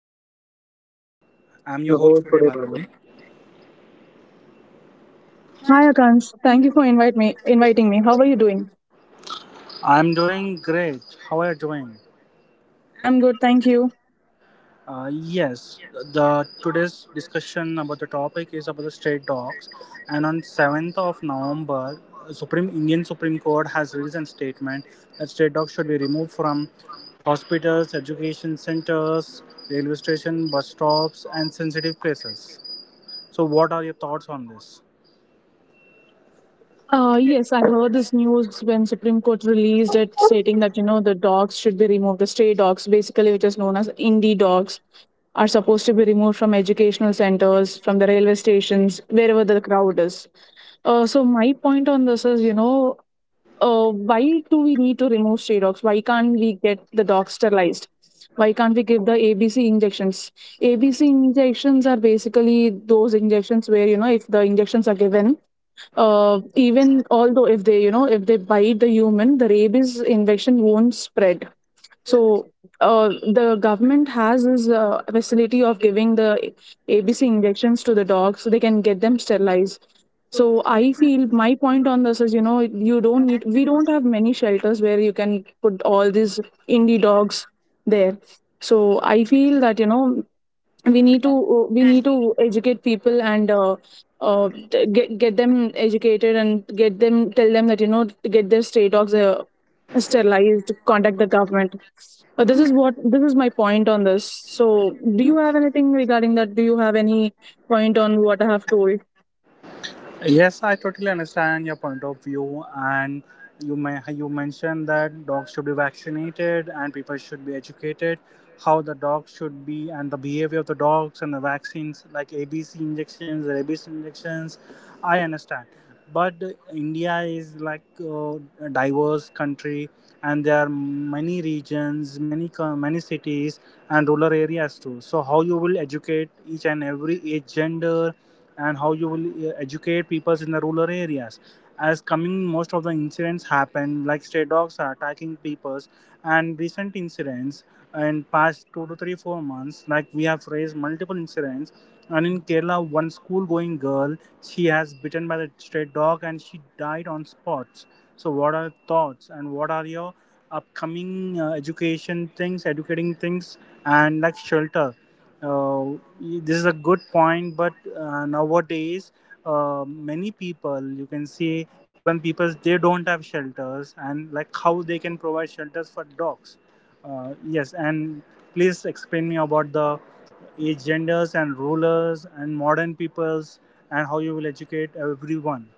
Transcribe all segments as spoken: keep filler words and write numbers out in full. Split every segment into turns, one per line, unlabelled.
Project. I'm your host today, Bhargavi.
Hi, Akans. Thank you for invite me, inviting me. How are you doing?
I'm doing great. How are you doing?
I'm good, thank you.
Uh, yes, the today's discussion about the topic is about the state dogs. And on seventh of November, Supreme Indian Supreme Court has released a statement that state dogs should be removed from hospitals, education centers, railway station, bus stops, and sensitive places. So, what are your thoughts on this?
Uh, yes, I heard this news when Supreme Court released it stating that, you know, the dogs should be removed. The stray dogs, basically, which is known as indie dogs, are supposed to be removed from educational centers, from the railway stations, wherever the crowd is. Uh, so my point on this is, you know, uh, why do we need to remove stray dogs? Why can't we get the dogs sterilized? Why can't we give the A B C injections? A B C injections are basically those injections where, you know, if the injections are given, uh, even although if they, you know, if they bite the human, the rabies infection won't spread. So uh, the government has this uh, facility of giving the A B C injections to the dogs so they can get them sterilized. So I feel my point on this is, you know, you don't need, we don't have many shelters where you can put all these indie dogs there. So I feel that, you know, we need to we need to educate people and uh, uh, t- get get them educated and get them tell them that you know to get their stray dogs uh, sterilized, contact the government. Uh, this is what, this is my point on this. So do you have anything regarding that? Do you have any point on what I have told?
Yes, I totally understand your point of view, and you may you mentioned that dogs should be vaccinated and people should be educated how the dogs should be and the behavior of the dogs and the vaccines like A B C injections, rabies injections. I understand, but India is like uh, a diverse country, and there are many regions, many co- many cities, and rural areas too. So how you will educate each and every age, gender, and how you will uh, educate people in the rural areas as coming most of the incidents happen like stray dogs are attacking peoples and recent incidents in past two to three, four months like we have raised multiple incidents. And in kerala one school going girl, she has bitten by the stray dog and she died on spots. So what are your thoughts and what are your upcoming uh, education things educating things and like shelter uh, y- this is a good point, but uh, nowadays, uh, many people you can see even people they don't have shelters and like how they can provide shelters for dogs. Uh, yes, and please explain me about the age genders and rulers and modern peoples and how you will educate everyone.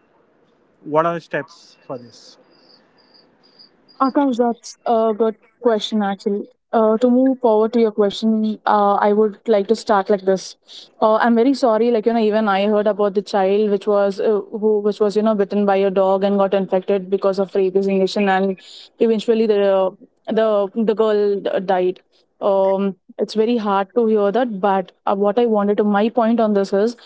What are the steps for this?
Akash, that's a good question actually. Uh, to move forward to your question, uh, I would like to start like this. Uh, I'm very sorry, like you know, even I heard about the child which was uh, who which was you know bitten by a dog and got infected because of rape resignation, and eventually the the the girl died. Um, it's very hard to hear that, but uh, what I wanted to my point on this is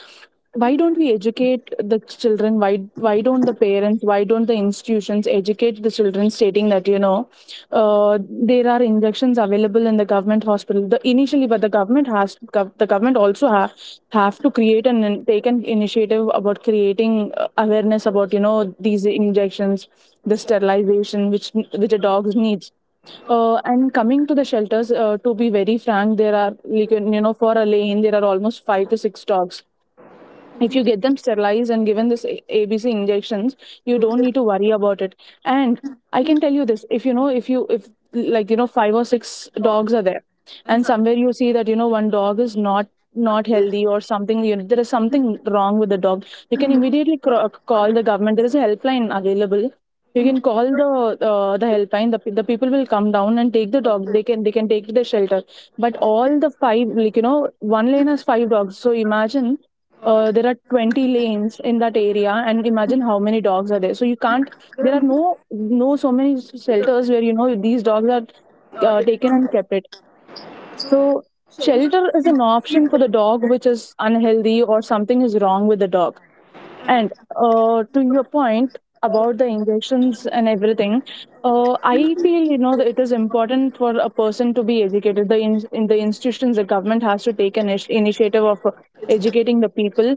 why don't we educate the children, why why don't the parents, why don't the institutions educate the children stating that you know uh, there are injections available in the government hospital the initially, but the government has gov- the government also ha- have to create and in- take an initiative about creating uh, awareness about you know these injections, the sterilization which which a dog needs. Uh, and coming to the shelters, uh, to be very frank, there are like you know for a lane there are almost five to six dogs. If you get them sterilized and given this A- abc injections, you don't need to worry about it. And I can tell you this, if you know, if you if like you know five or six dogs are there, and somewhere you see that you know one dog is not not healthy or something, you know, there is something wrong with the dog, you can immediately cr- call the government, there is a helpline available. You can call the uh, the helpline, the, pe- the people will come down and take the dog, they can, they can take to the shelter. But all the five, like you know one lane has five dogs, so imagine uh, there are twenty lanes in that area, and imagine how many dogs are there, so you can't, there are no no so many shelters where you know these dogs are uh, taken and kept it. So shelter is an option for the dog which is unhealthy or something is wrong with the dog. And uh, to your point about the injections and everything, uh, I feel you know that it is important for a person to be educated. The in, in the institutions, the government has to take an ish- initiative of uh, educating the people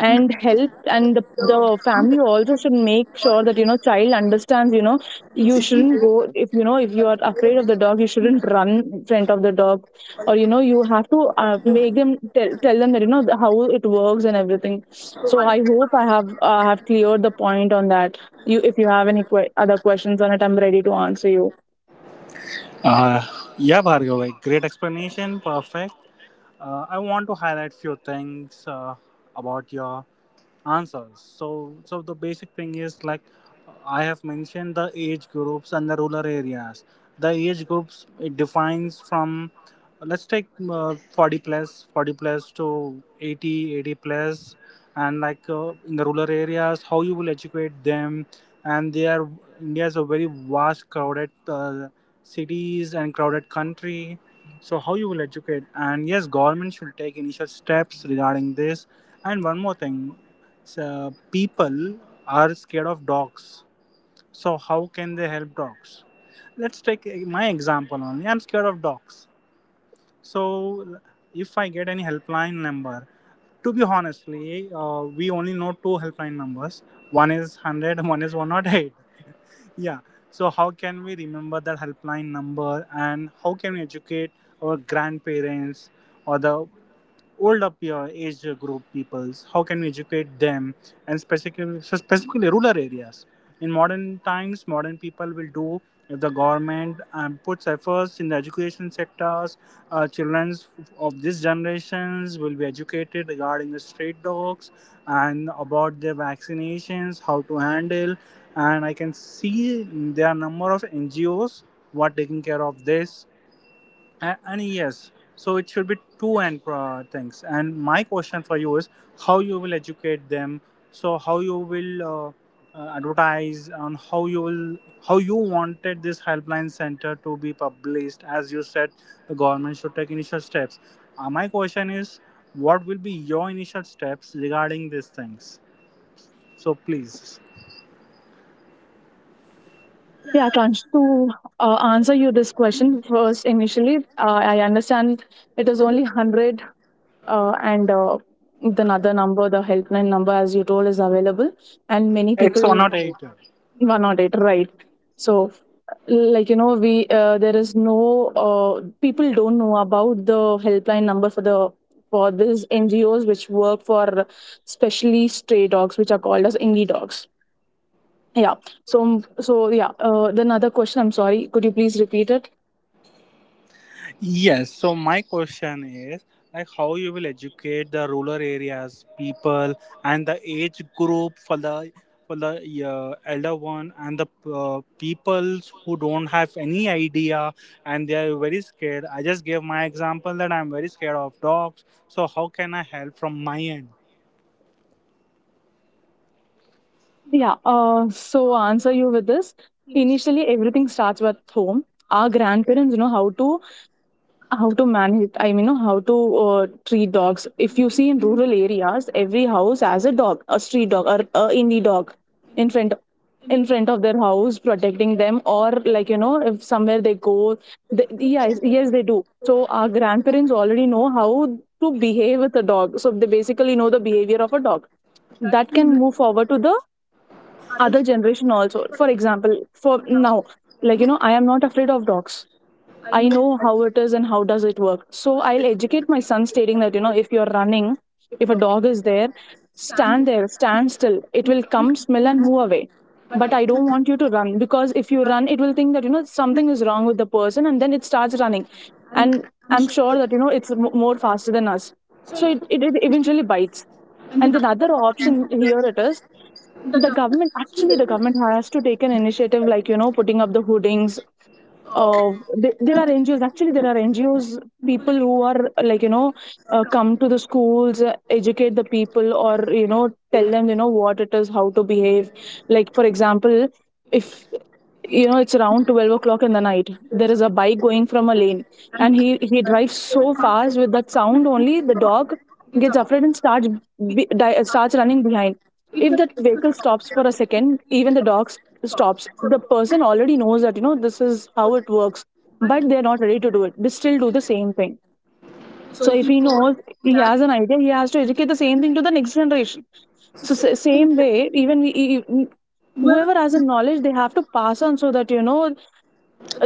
and help. And the, the family also should make sure that you know child understands, you know you shouldn't go, if you know if you are afraid of the dog you shouldn't run in front of the dog. Or you know you have to uh, make them tell, tell them that you know the, how it works and everything. So I hope I have uh, have cleared the point on that. You, if you have any que- other questions on it, I'm ready to answer you.
Uh, yeah, Bhargav, like great explanation, perfect. Uh, I want to highlight few things uh, about your answers. So, so the basic thing is like I have mentioned the age groups and the rural areas. The age groups it defines from let's take uh, forty plus, forty plus to eighty, eighty plus, and like uh, in the rural areas how you will educate them. And they are India is a very vast crowded uh, cities and crowded country. So how you will educate? And yes, government should take initial steps regarding this. And one more thing, so people are scared of dogs. So how can they help dogs? Let's take eh, my example only. I'm scared of dogs. So if I get any helpline number, to be honestly, uh, we only know two helpline numbers. One is one hundred one is one oh eight. Yeah. So how can we remember that helpline number, and how can we educate our grandparents or the old up your age group peoples? How can we educate them? And specifically, so specifically rural areas in modern times, modern people will do if the government um, puts efforts in the education sectors, uh, children of this generations will be educated regarding the street dogs and about their vaccinations, how to handle. And I can see there are number of ngos who are taking care of this. A- and yes, so it should be two and uh, things. And my question for you is how you will educate them. So how you will uh, uh, advertise on how you will, how you wanted this helpline center to be published? As you said, the government should take initial steps. Uh, my question is, what will be your initial steps regarding these things? So please.
Yeah, Kansh, to uh, answer you this question, first initially uh, I understand it is only one hundred, uh, and uh, the other number, the helpline number as you told is available, and many
It's or
people.
not eight?
one oh eight, right? So like you know we uh, there is no uh, people don't know about the helpline number for the for these NGOs which work for specially stray dogs which are called as indie dogs. Yeah. So so yeah, uh, the another question, I'm sorry, could you please repeat it?
Yes, so my question is like how you will educate the rural areas people and the age group for the, for the uh, elder one and the uh, peoples who don't have any idea and they are very scared. I just gave my example that I'm very scared of dogs. So how can I help from my end?
Yeah, uh, so answer you with this. Initially everything starts with home. Our grandparents know how to, how to manage, I mean you know, how to uh, treat dogs. If you see in rural areas, every house has a dog, a street dog or a indie dog in front, in front of their house protecting them, or like you know if somewhere they go they, yes yes they do. So our grandparents already know how to behave with a dog, so they basically know the behavior of a dog. That can move forward to the other generation also. For example, for now, like you know I am not afraid of dogs. I know how it is and how does it work. So I'll educate my son stating that, you know, if you're running, if a dog is there, stand there, stand still. It will come, smell and move away. But I don't want you to run, because if you run, it will think that, you know, something is wrong with the person, and then it starts running. And I'm sure that, you know, it's m- more faster than us. So it, it, it eventually bites. And then other option here it is, the government, actually the government has to take an initiative, like you know putting up the hoardings. uh, th- there are N G Os. Actually, there are N G Os, people who are uh, like you know uh, come to the schools, uh, educate the people, or you know tell them you know what it is, how to behave. Like for example, if you know it's around twelve o'clock in the night, there is a bike going from a lane, and he he drives so fast. With that sound only, the dog gets afraid and starts be, di- starts running behind. If that vehicle stops for a second, even the dog s- stops. The person already knows that you know this is how it works, but they're not ready to do it, they still do the same thing. So if he knows, he has an idea, he has to educate the same thing to the next generation. So sa- same way, even we, e- e- whoever has a knowledge, they have to pass on, so that you know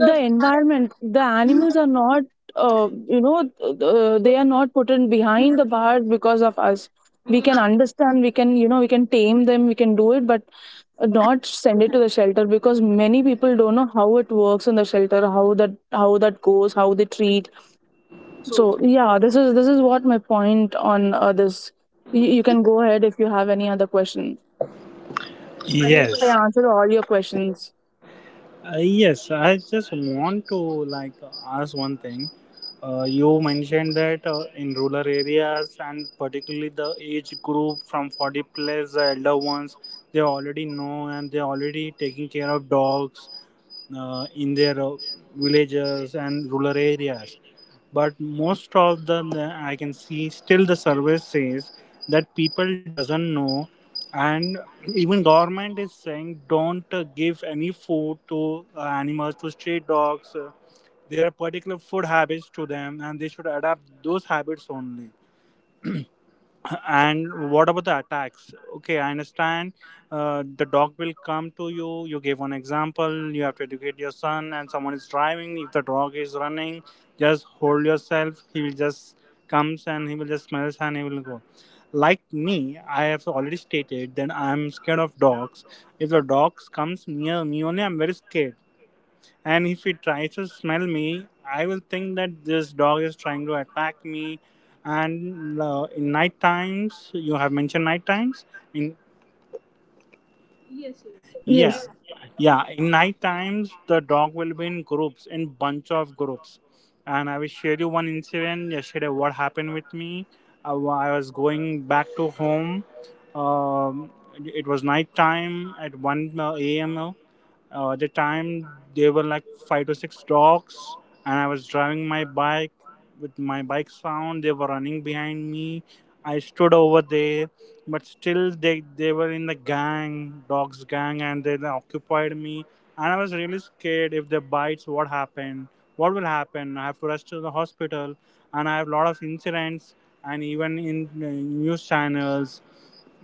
the environment, the animals are not uh, you know uh, they are not put in behind the bars because of us. We can understand, we can you know we can tame them, we can do it, but not send it to the shelter, because many people don't know how it works in the shelter, how that, how that goes, how they treat. So yeah, this is, this is what my point on uh, this. you, you can go ahead if you have any other question. I hope I
Yes.
answered all your questions.
Uh, yes, I just want to like ask one thing. Uh, you mentioned that uh, in rural areas and particularly the age group from forty plus, the elder ones, they already know and they already taking care of dogs uh, in their uh, villages and rural areas. But most of the, the I can see still the survey says that people doesn't know. And even government is saying don't uh, give any food to uh, animals to stray dogs. Uh, there are particular food habits to them and they should adapt those habits only. And what about the attacks? Okay, I understand. Uh, the dog will come to you. You gave one example. You have to educate your son, and someone is driving. If the dog is running, just hold yourself. He will just comes, and he will just smells, and he will go. Like me, I have already stated that I am scared of dogs. If the dogs comes near me only, I'm very scared. And if he tries to smell me, I will think that this dog is trying to attack me. And uh, in night times, you have mentioned night times. In
Yes,
yeah,
yes.
yeah, in night times the dog will be in groups, in bunch of groups. And I will share you one incident yesterday. What happened with me? I wa- I was going back to home. Um, it was night time at one a m. Uh, at the time, there were like five to six dogs, and I was driving my bike with my bike sound. They were running behind me. I stood over there, but still they they were in the gang, dogs gang, and they occupied me. And I was really scared. If they bites, what happened? What will happen? I have to rush to the hospital. And I have a lot of incidents, and even in uh, news channels,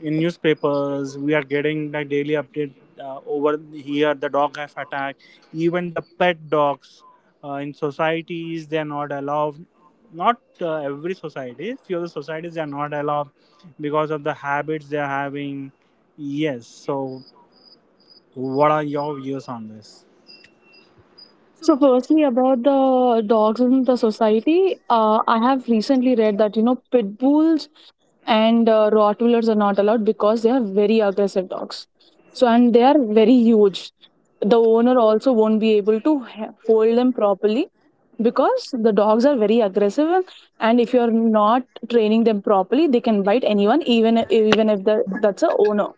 in newspapers, we are getting the daily update. Uh, over here the dog have attacked, even the pet dogs. Uh, in societies, they are not allowed. Not uh, every society, few of the societies they are not allowed because of the habits they are having. Yes, so what are your views on this?
So, firstly, about the dogs in the society, uh, I have recently read that you know pit bulls and uh, Rottweilers are not allowed because they are very aggressive dogs. So, and they are very huge. The owner also won't be able to h- hold them properly, because the dogs are very aggressive, and, and if you are not training them properly, they can bite anyone, even e-, even if the that's a owner.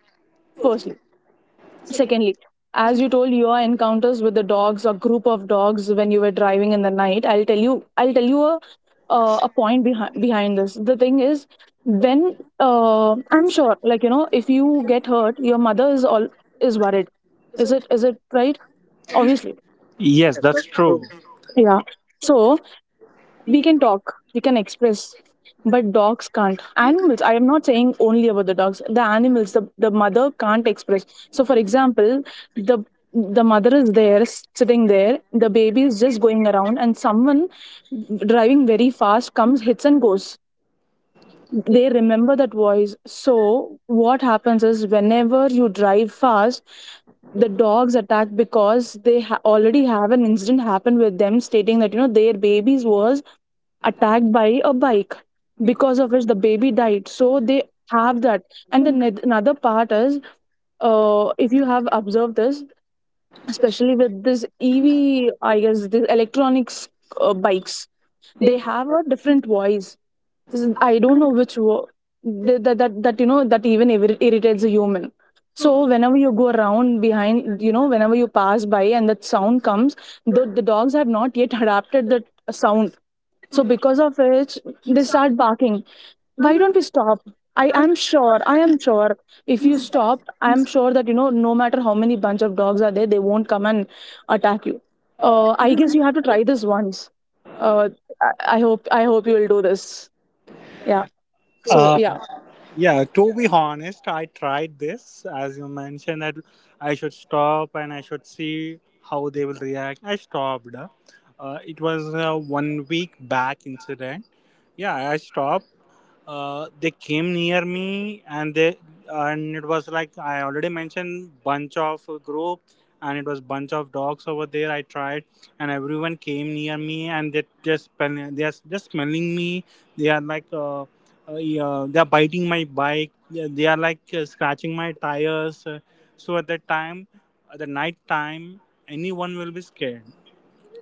Firstly. Secondly, as you told your encounters with the dogs or group of dogs when you were driving in the night, I'll tell you I'll tell you a uh, a point behind behind this. The thing is, when uh, I'm sure like you know if you get hurt, your mother is all is worried. Is it is it right? Obviously.
Yes, that's true.
Yeah. So we can talk we can express but dogs can't animals i am not saying only about the dogs, the animals, the, the mother can't express. So for example, the the mother is there, sitting there, the baby is just going around, and someone driving very fast comes, hits, and goes. They remember that voice. So what happens is, whenever you drive fast, the dogs attack because they ha- already have an incident happen with them stating that, you know, their babies was attacked by a bike, because of which the baby died. So they have that. And the neth- another part is, uh, if you have observed this, especially with this ev I guess the electronics uh, bikes, they have a different voice. This is- I don't know which wo- that, that that that, you know, that even irri- irritates a human. So whenever you go around behind, you know, whenever you pass by and that sound comes, the, the dogs have not yet adapted that sound. So because of which they start barking. Why don't we stop? I am sure, I am sure, if you stop, I am sure that, you know, no matter how many bunch of dogs are there, they won't come and attack you. Uh, I guess you have to try this once. Uh, I, I hope I hope you will do this. Yeah. So
Uh,
yeah.
Yeah, to be honest, I tried this as you mentioned that I should stop and I should see how they will react. I stopped. Uh, it was a one week back incident. Yeah, I stopped. Uh, they came near me, and they, and it was like I already mentioned bunch of group, and it was bunch of dogs over there. I tried, and everyone came near me and they just smell- they are just smelling me. They are like uh, uh, yeah, they are biting my bike. They they are like uh, scratching my tires. So at that time, at the night time, anyone will be scared.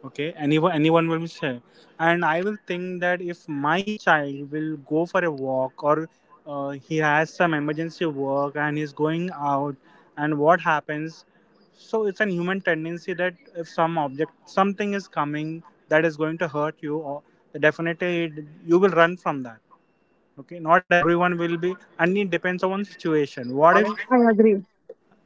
okay anyone Anyone will be share. And I will think that if my child will go for a walk, or uh, he has some emergency work and he's going out, and what happens? So it's an human tendency that if some object, something is coming that is going to hurt you, or definitely it, you will run from that. Okay, not everyone will be, and it depends on situation what if.
I agree.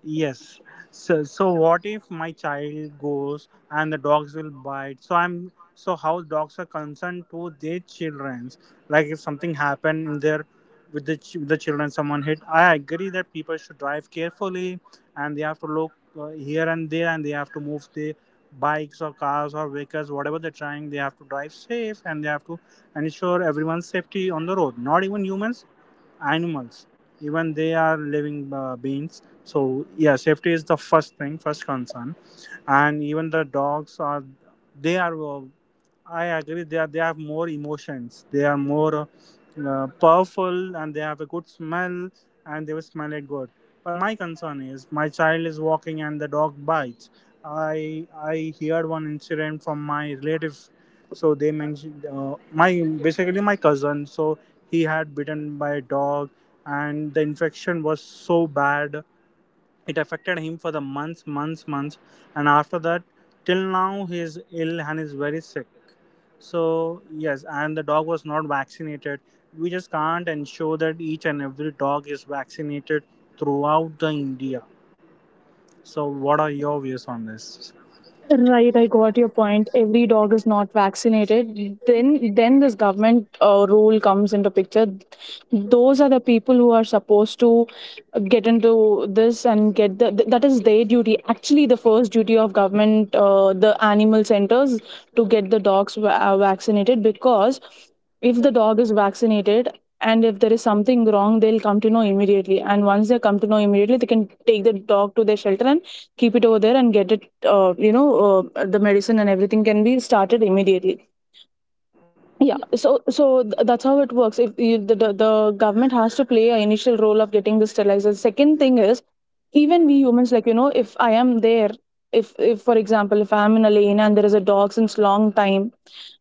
Yes. So, so what if my child goes and the dogs will bite? So I'm so how dogs are concerned to their childrens. Like if something happened in their, with the ch- with the children, someone hit. I agree that people should drive carefully, and they have to look uh, here and there, and they have to move their bikes or cars or vehicles, whatever they're trying. They have to drive safe, and they have to ensure everyone's safety on the road. Not even humans, animals, even they are living uh, beings. So yeah, safety is the first thing, first concern. And even the dogs are, they are uh, I agree they are, they have more emotions, they are more uh, powerful, and they have a good smell, and they will smell it good. But my concern is my child is walking and the dog bites. I i heard one incident from my relative. So they mentioned uh, my basically my cousin. So he had bitten by a dog, and the infection was so bad. It affected him for the months, months, months, and after that, till now, he is ill and is very sick. So, yes, and the dog was not vaccinated. We just can't ensure that each and every dog is vaccinated throughout the India. So, what are your views on this?
Right, I got your point. Every dog is not vaccinated. Then, then this government uh, rule comes into picture. Those are the people who are supposed to get into this and get the th- that is their duty. Actually, the first duty of government, uh, the animal centers, to get the dogs va- uh, vaccinated, because if the dog is vaccinated and if there is something wrong, they'll come to know immediately, and once they come to know immediately, they can take the dog to their shelter and keep it over there and get it, uh, you know, uh, the medicine and everything can be started immediately. Yeah, so so th- that's how it works. If you, the, the the government has to play an initial role of getting the sterilizers. Second thing is, even we humans, like you know, if I am there, if if for example, if I am in a lane and there is a dog since long time,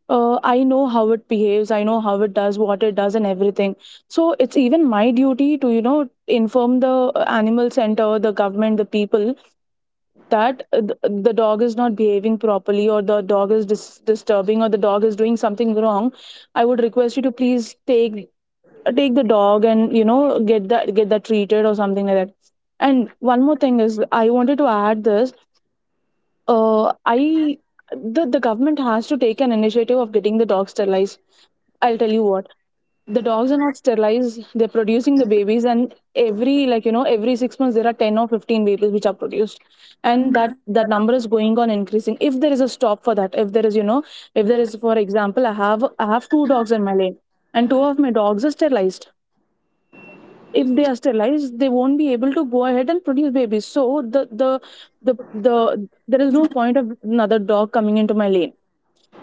uh, I know how it behaves, I know how it does, what it does and everything. So it's even my duty to, you know, inform the uh, animal center, the government, the people, that uh, th- the dog is not behaving properly, or the dog is dis- disturbing, or the dog is doing something wrong. I would request you to please take take the dog and, you know, get that get that treated or something like that. And one more thing is, I wanted to add this. Uh i the, the government has to take an initiative of getting the dogs sterilized. I'll tell you what. The dogs are not sterilized, they're producing the babies, and every, like you know, every six months there are ten or fifteen babies which are produced, and that that number is going on increasing. If there is a stop for that, if there is, you know, if there is, for example, i have i have two dogs in my lane, and two of my dogs are sterilized. If they are sterilized, they won't be able to go ahead and produce babies. So the the the the there is no point of another dog coming into my lane,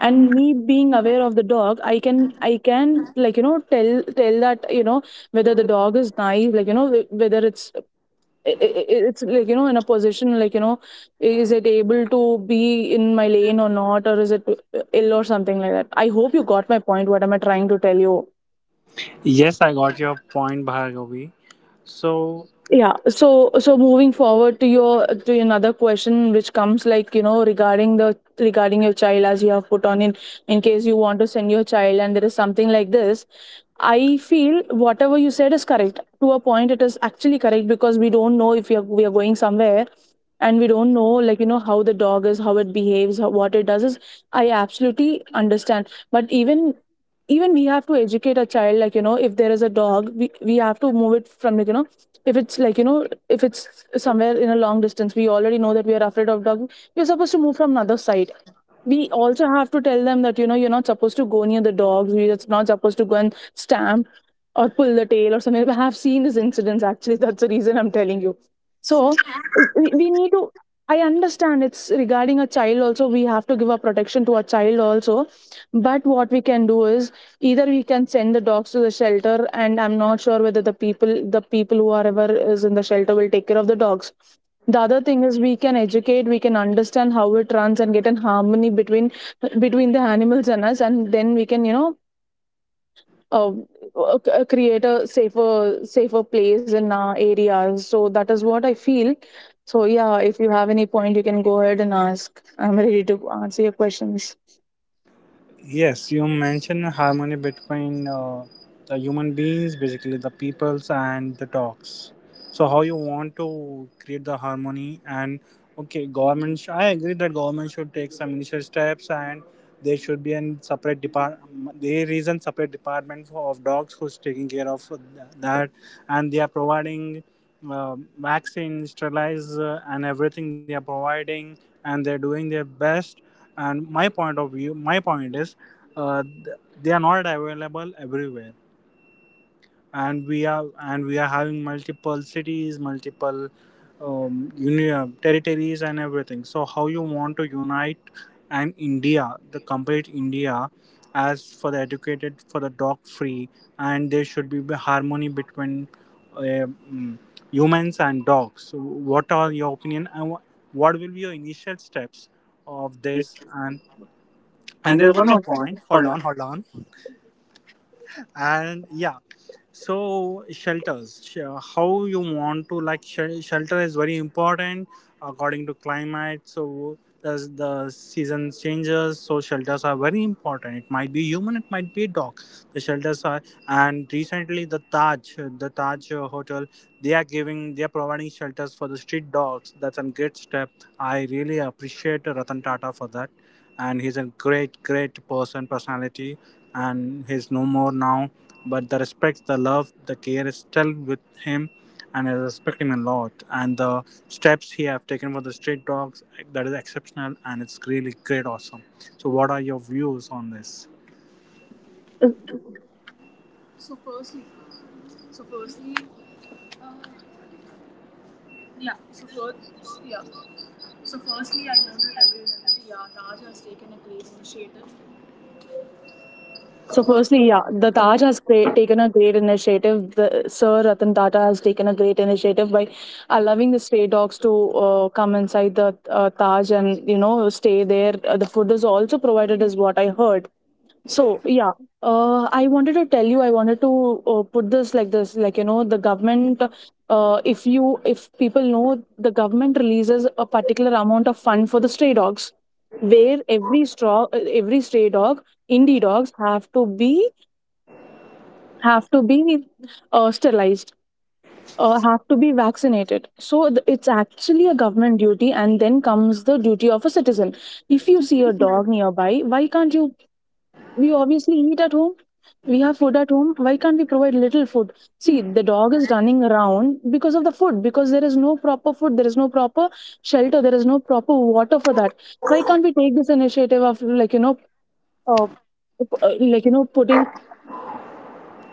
and me being aware of the dog, i can i can, like you know, tell tell that, you know, whether the dog is nice, like you know, wh- whether it's, i- i- i- it's like, you know, in a position, like you know, is it able to be in my lane or not, or is it ill or something like that. I hope you got my point, what am I trying to tell you.
Yes, I got your point, Bhargavi. So,
Yeah, so so moving forward to your, to another question which comes, like you know, regarding the, regarding your child, as you have put on, in in case you want to send your child and there is something like this, I feel whatever you said is correct to a point. It is actually correct, because we don't know if we are, we are going somewhere and we don't know, like you know, how the dog is, how it behaves, how, what it does is, I absolutely understand. But even, even we have to educate a child, like you know, if there is a dog, we, we have to move it from, like you know, if it's, like you know, if it's somewhere in a long distance, we already know that we are afraid of dog, we are supposed to move from another side. We also have to tell them that, you know, you're not supposed to go near the dogs, we are not supposed to go and stamp or pull the tail or something. I have seen these incidents actually. That's the reason I'm telling you. So we, we need to. I understand it's regarding a child also. We have to give a protection to a child also. But what we can do is, either we can send the dogs to the shelter, and I'm not sure whether the people, the people who are ever is in the shelter, will take care of the dogs. The other thing is, we can educate, we can understand how it runs, and get in harmony between, between the animals and us, and then we can, you know, um, uh, c- uh, create a safer safer place in our areas. So that is what I feel. So yeah, if you have any point, you can go ahead and ask. I'm ready to answer your questions.
yes, you mentioned harmony between uh, the human beings, basically the peoples and the dogs. So how you want to create the harmony? And okay, government. Sh- I agree that government should take some initial steps, and there should be a separate depart. There is a separate department for, of dogs who's taking care of th- that, and they are providing uh, vaccines, sterilizer, and everything. They are providing, and they're doing their best. And my point of view, my point is uh, th- they are not available everywhere, and we are and we are having multiple cities, multiple um, union territories and everything. So how you want to unite an india the complete india as for the educated, for the dog free? And there should be the harmony between uh, mm, humans and dogs. So what are your opinion and wha- What will be your initial steps of this? and and there's one more point, hold on, hold on. And yeah, so shelters, sh- how you want to, like sh- shelter is very important according to climate. So as the season changes, so shelters are very important. It might be human, it might be dog. The shelters are, and recently the taj the taj uh, hotel, they are giving they are providing shelters for the street dogs. That's a great step. I really appreciate Ratan Tata for that. And he's a great great person, personality. And he's no more now. But the respect, the love, the care is still with him, and I respect him a lot. And the steps he have taken for the street dogs, that is exceptional, and it's really great, awesome. So, what are your views on this?
So firstly, yeah, the Taj has cre- taken a great initiative. The, Sir Ratan Tata has taken a great initiative by allowing the stray dogs to uh, come inside the uh, Taj and, you know, stay there. Uh, the food is also provided, is what I heard. So yeah, uh, I wanted to tell you. I wanted to uh, put this like this, like you know, the government. Uh, if you, if people know, the government releases a particular amount of fund for the stray dogs, where every straw, every stray dog, indie dogs have to be have to be uh, sterilized, uh, have to be vaccinated. So th- it's actually a government duty, and then comes the duty of a citizen. If you see a dog nearby, why can't you, we obviously eat at home, we have food at home, why can't we provide little food? See, the dog is running around because of the food, because there is no proper food, there is no proper shelter, there is no proper water for that. Why can't we take this initiative of, like you know, uh, p- uh, like you know, putting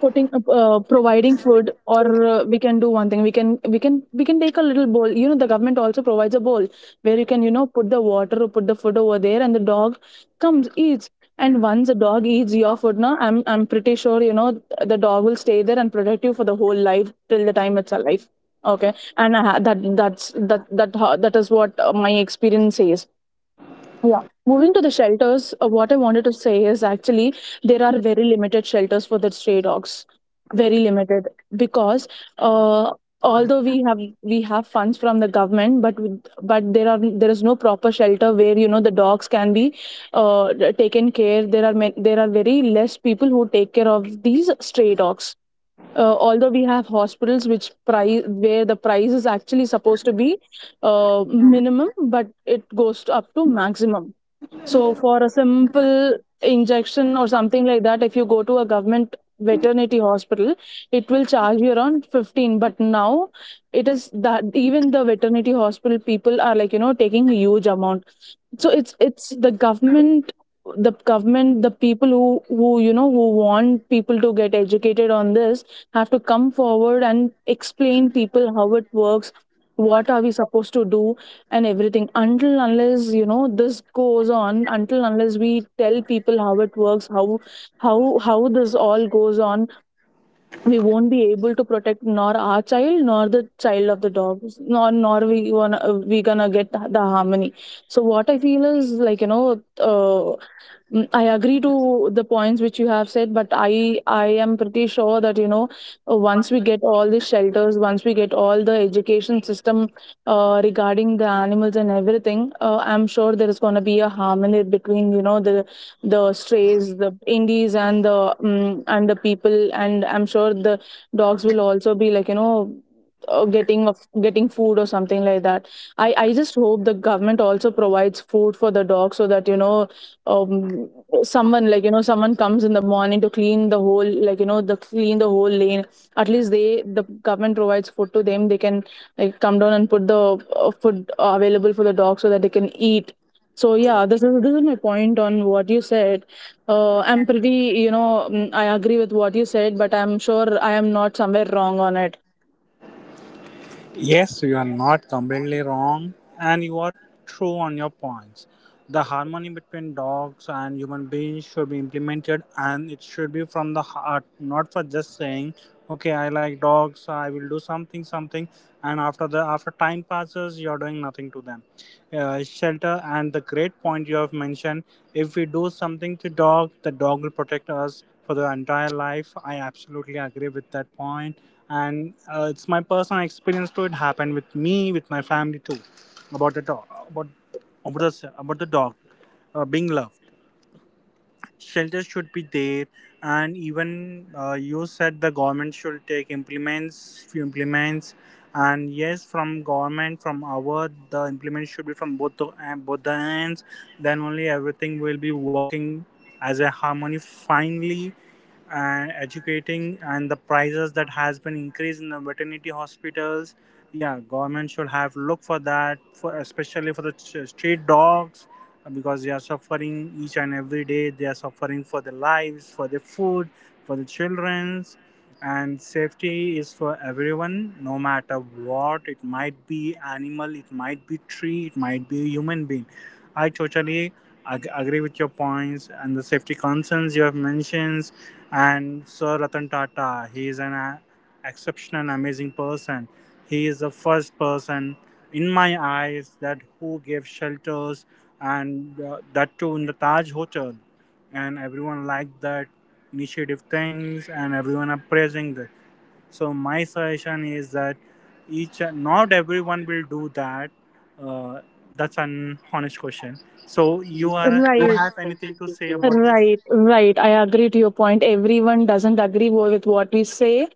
putting up, uh, providing food? Or uh, we can do one thing, we can we can we can take a little bowl, you know, the government also provides a bowl, where you can, you know, put the water or put the food over there, and the dog comes, eats. And once the dog eats your food, now i'm i'm pretty sure, you know, th- the dog will stay there and protect you for the whole life, till the time it's alive. Okay, and I ha- that that's that that ho- that is what, uh, my experience says. Yeah. Moving to the shelters, uh, what I wanted to say is actually, there are very limited shelters for the stray dogs. Very limited, because uh, although we have we have funds from the government, but with- but there are, there is no proper shelter where, you know, the dogs can be uh, taken care. There are ma- there are very less people who take care of these stray dogs. Uh, although we have hospitals which price, where the price is actually supposed to be uh, minimum, but it goes to up to maximum. So for a simple injection or something like that, if you go to a government veterinary hospital, it will charge you around fifteen. But now it is that even the veterinary hospital people are like, you know, taking a huge amount. So it's it's the government, the government, the people who who you know, who want people to get educated on this, have to come forward and explain people how it works, what are we supposed to do and everything. Until unless, you know, this goes on, until unless we tell people how it works, how how how this all goes on, we won't be able to protect nor our child, nor the child of the dogs, nor nor we wanna, we gonna get the harmony. So what I feel is, like you know, uh, mm, I agree to the points which you have said, but I I am pretty sure that, you know, uh, once we get all the shelters, once we get all the education system, uh, regarding the animals and everything, uh, I'm sure there is going to be a harmony between, you know, the the strays, the indies, and the um, and the people, and I'm sure the dogs will also be like, you know, uh, getting of getting food or something like that. I i just hope the government also provides food for the dogs so that, you know, um someone, like you know, someone comes in the morning to clean the whole, like you know, the clean the whole lane, at least they, the government provides food to them, they can, like, come down and put the uh, food available for the dog, so that they can eat. So yeah, this is this is my point on what you said. uh, I'm pretty, you know, mm, I agree with what you said, but I'm sure I am not somewhere wrong on it.
Yes, you are not completely wrong, and you are true on your points. The harmony between dogs and human beings should be implemented, and it should be from the heart, not for just saying, "Okay, I like dogs. I will do something, something," and after the after time passes, you are doing nothing to them. Uh, shelter, and the great point you have mentioned. If we do something to dog, the dog will protect us for the entire life. I absolutely agree with that point, and uh, it's my personal experience too. It happened with me, with my family too, about the dog, about about the about the dog uh, being loved. Shelter should be there. And even uh, you said the government should take implements few implements. And yes, from government, from our, the implements should be from both the uh, both the ends. Then only everything will be working as a harmony finally. And educating, and the prices that has been increased in the veterinary hospitals, yeah, government should have look for that, for especially for the ch- street dogs. Because they are suffering each and every day. They are suffering for their lives, for their food, for the children's, and safety is for everyone, no matter what. It might be animal, it might be tree, it might be a human being. I totally ag- agree with your points and the safety concerns you have mentioned. And Sir Ratan Tata, he is an a- exceptional and amazing person. He is the first person in my eyes that who gave shelters, and uh, that too in the Taj Hotel. And everyone liked that initiative things, and everyone are praising that. So my suggestion is that each, not everyone will do that. Uh, that's an honest question. So you are you
Right.
have anything to say about this?
Right, right. I agree to your point. Everyone doesn't agree wo- with what we say,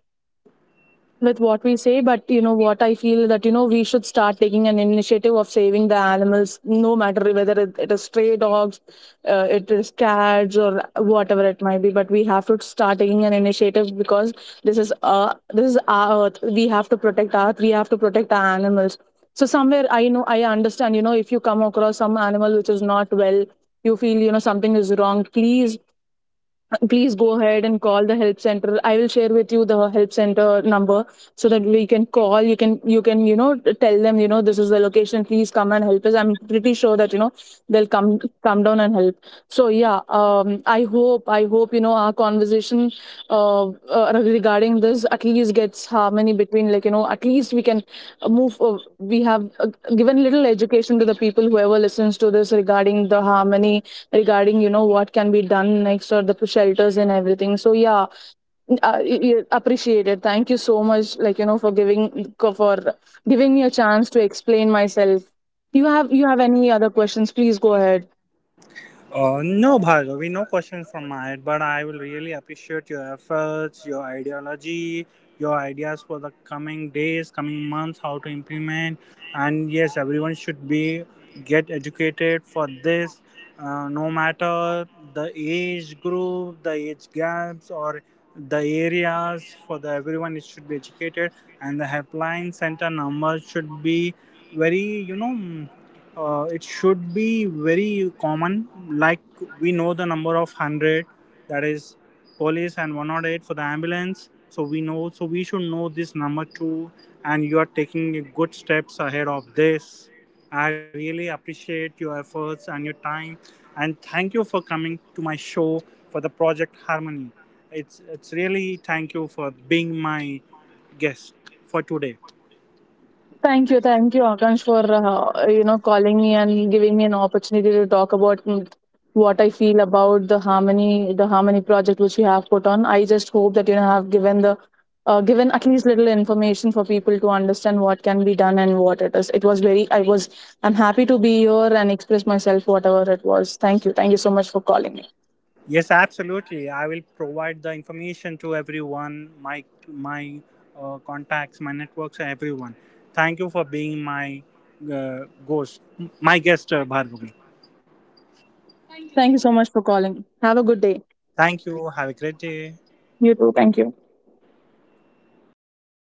with what we say, but you know what I feel that, you know, we should start taking an initiative of saving the animals, no matter whether it, it is stray dogs, uh, it is cats, or whatever it might be, but we have to start taking an initiative. Because this is uh this is our earth, we have to protect our earth, we have to protect our animals. So somewhere, I know, I understand, you know, if you come across some animal which is not well, you feel, you know, something is wrong. Please, please go ahead and call the help center. I will share with you the help center number, so that we can call. You can you can, you know, tell them, you know, this is the location, please come and help us. I'm pretty sure that, you know, they'll come come down and help. So yeah, um I hope, I hope, you know, our conversation, uh, uh regarding this, at least gets harmony between, like you know, at least we can uh, move, uh, we have uh, given little education to the people whoever listens to this, regarding the harmony, regarding, you know, what can be done next or the p- shelters and everything. So yeah, n- uh, y- y- appreciate it. Thank you so much, like you know, for giving co- for giving me a chance to explain myself. You have, you have any other questions, please go ahead.
Uh, no, Bhargavi, no questions from my end, but I will really appreciate your efforts, your ideology, your ideas for the coming days, coming months, how to implement. And yes, everyone should be get educated for this, uh, no matter the age group, the age gaps, or the areas. For the everyone, it should be educated, and the helpline center number should be very, you know uh, it should be very common. Like we know the number of one hundred, that is police, and one hundred eight for the ambulance. So we know, so we should know this number too. And you are taking good steps ahead of this. I really appreciate your efforts and your time. And thank you for coming to my show for the Project Harmony. It's, it's really thank you for being my guest for today.
Thank you, thank you, Akansh, for uh, you know, calling me and giving me an opportunity to talk about, mm, what I feel about the harmony, the harmony project which you have put on. I just hope that, you know, have given the uh, given at least little information for people to understand what can be done and what it is. It was very, I was, I'm happy to be here and express myself, whatever it was. Thank you, thank you so much for calling me.
Yes, absolutely. I will provide the information to everyone, my my uh, contacts, my networks, everyone. Thank you for being my uh, ghost, my guest, uh, Bhargavi.
Thank you, thank you so much for calling. Have a good day.
Thank you. Have a great day.
You too. Thank you.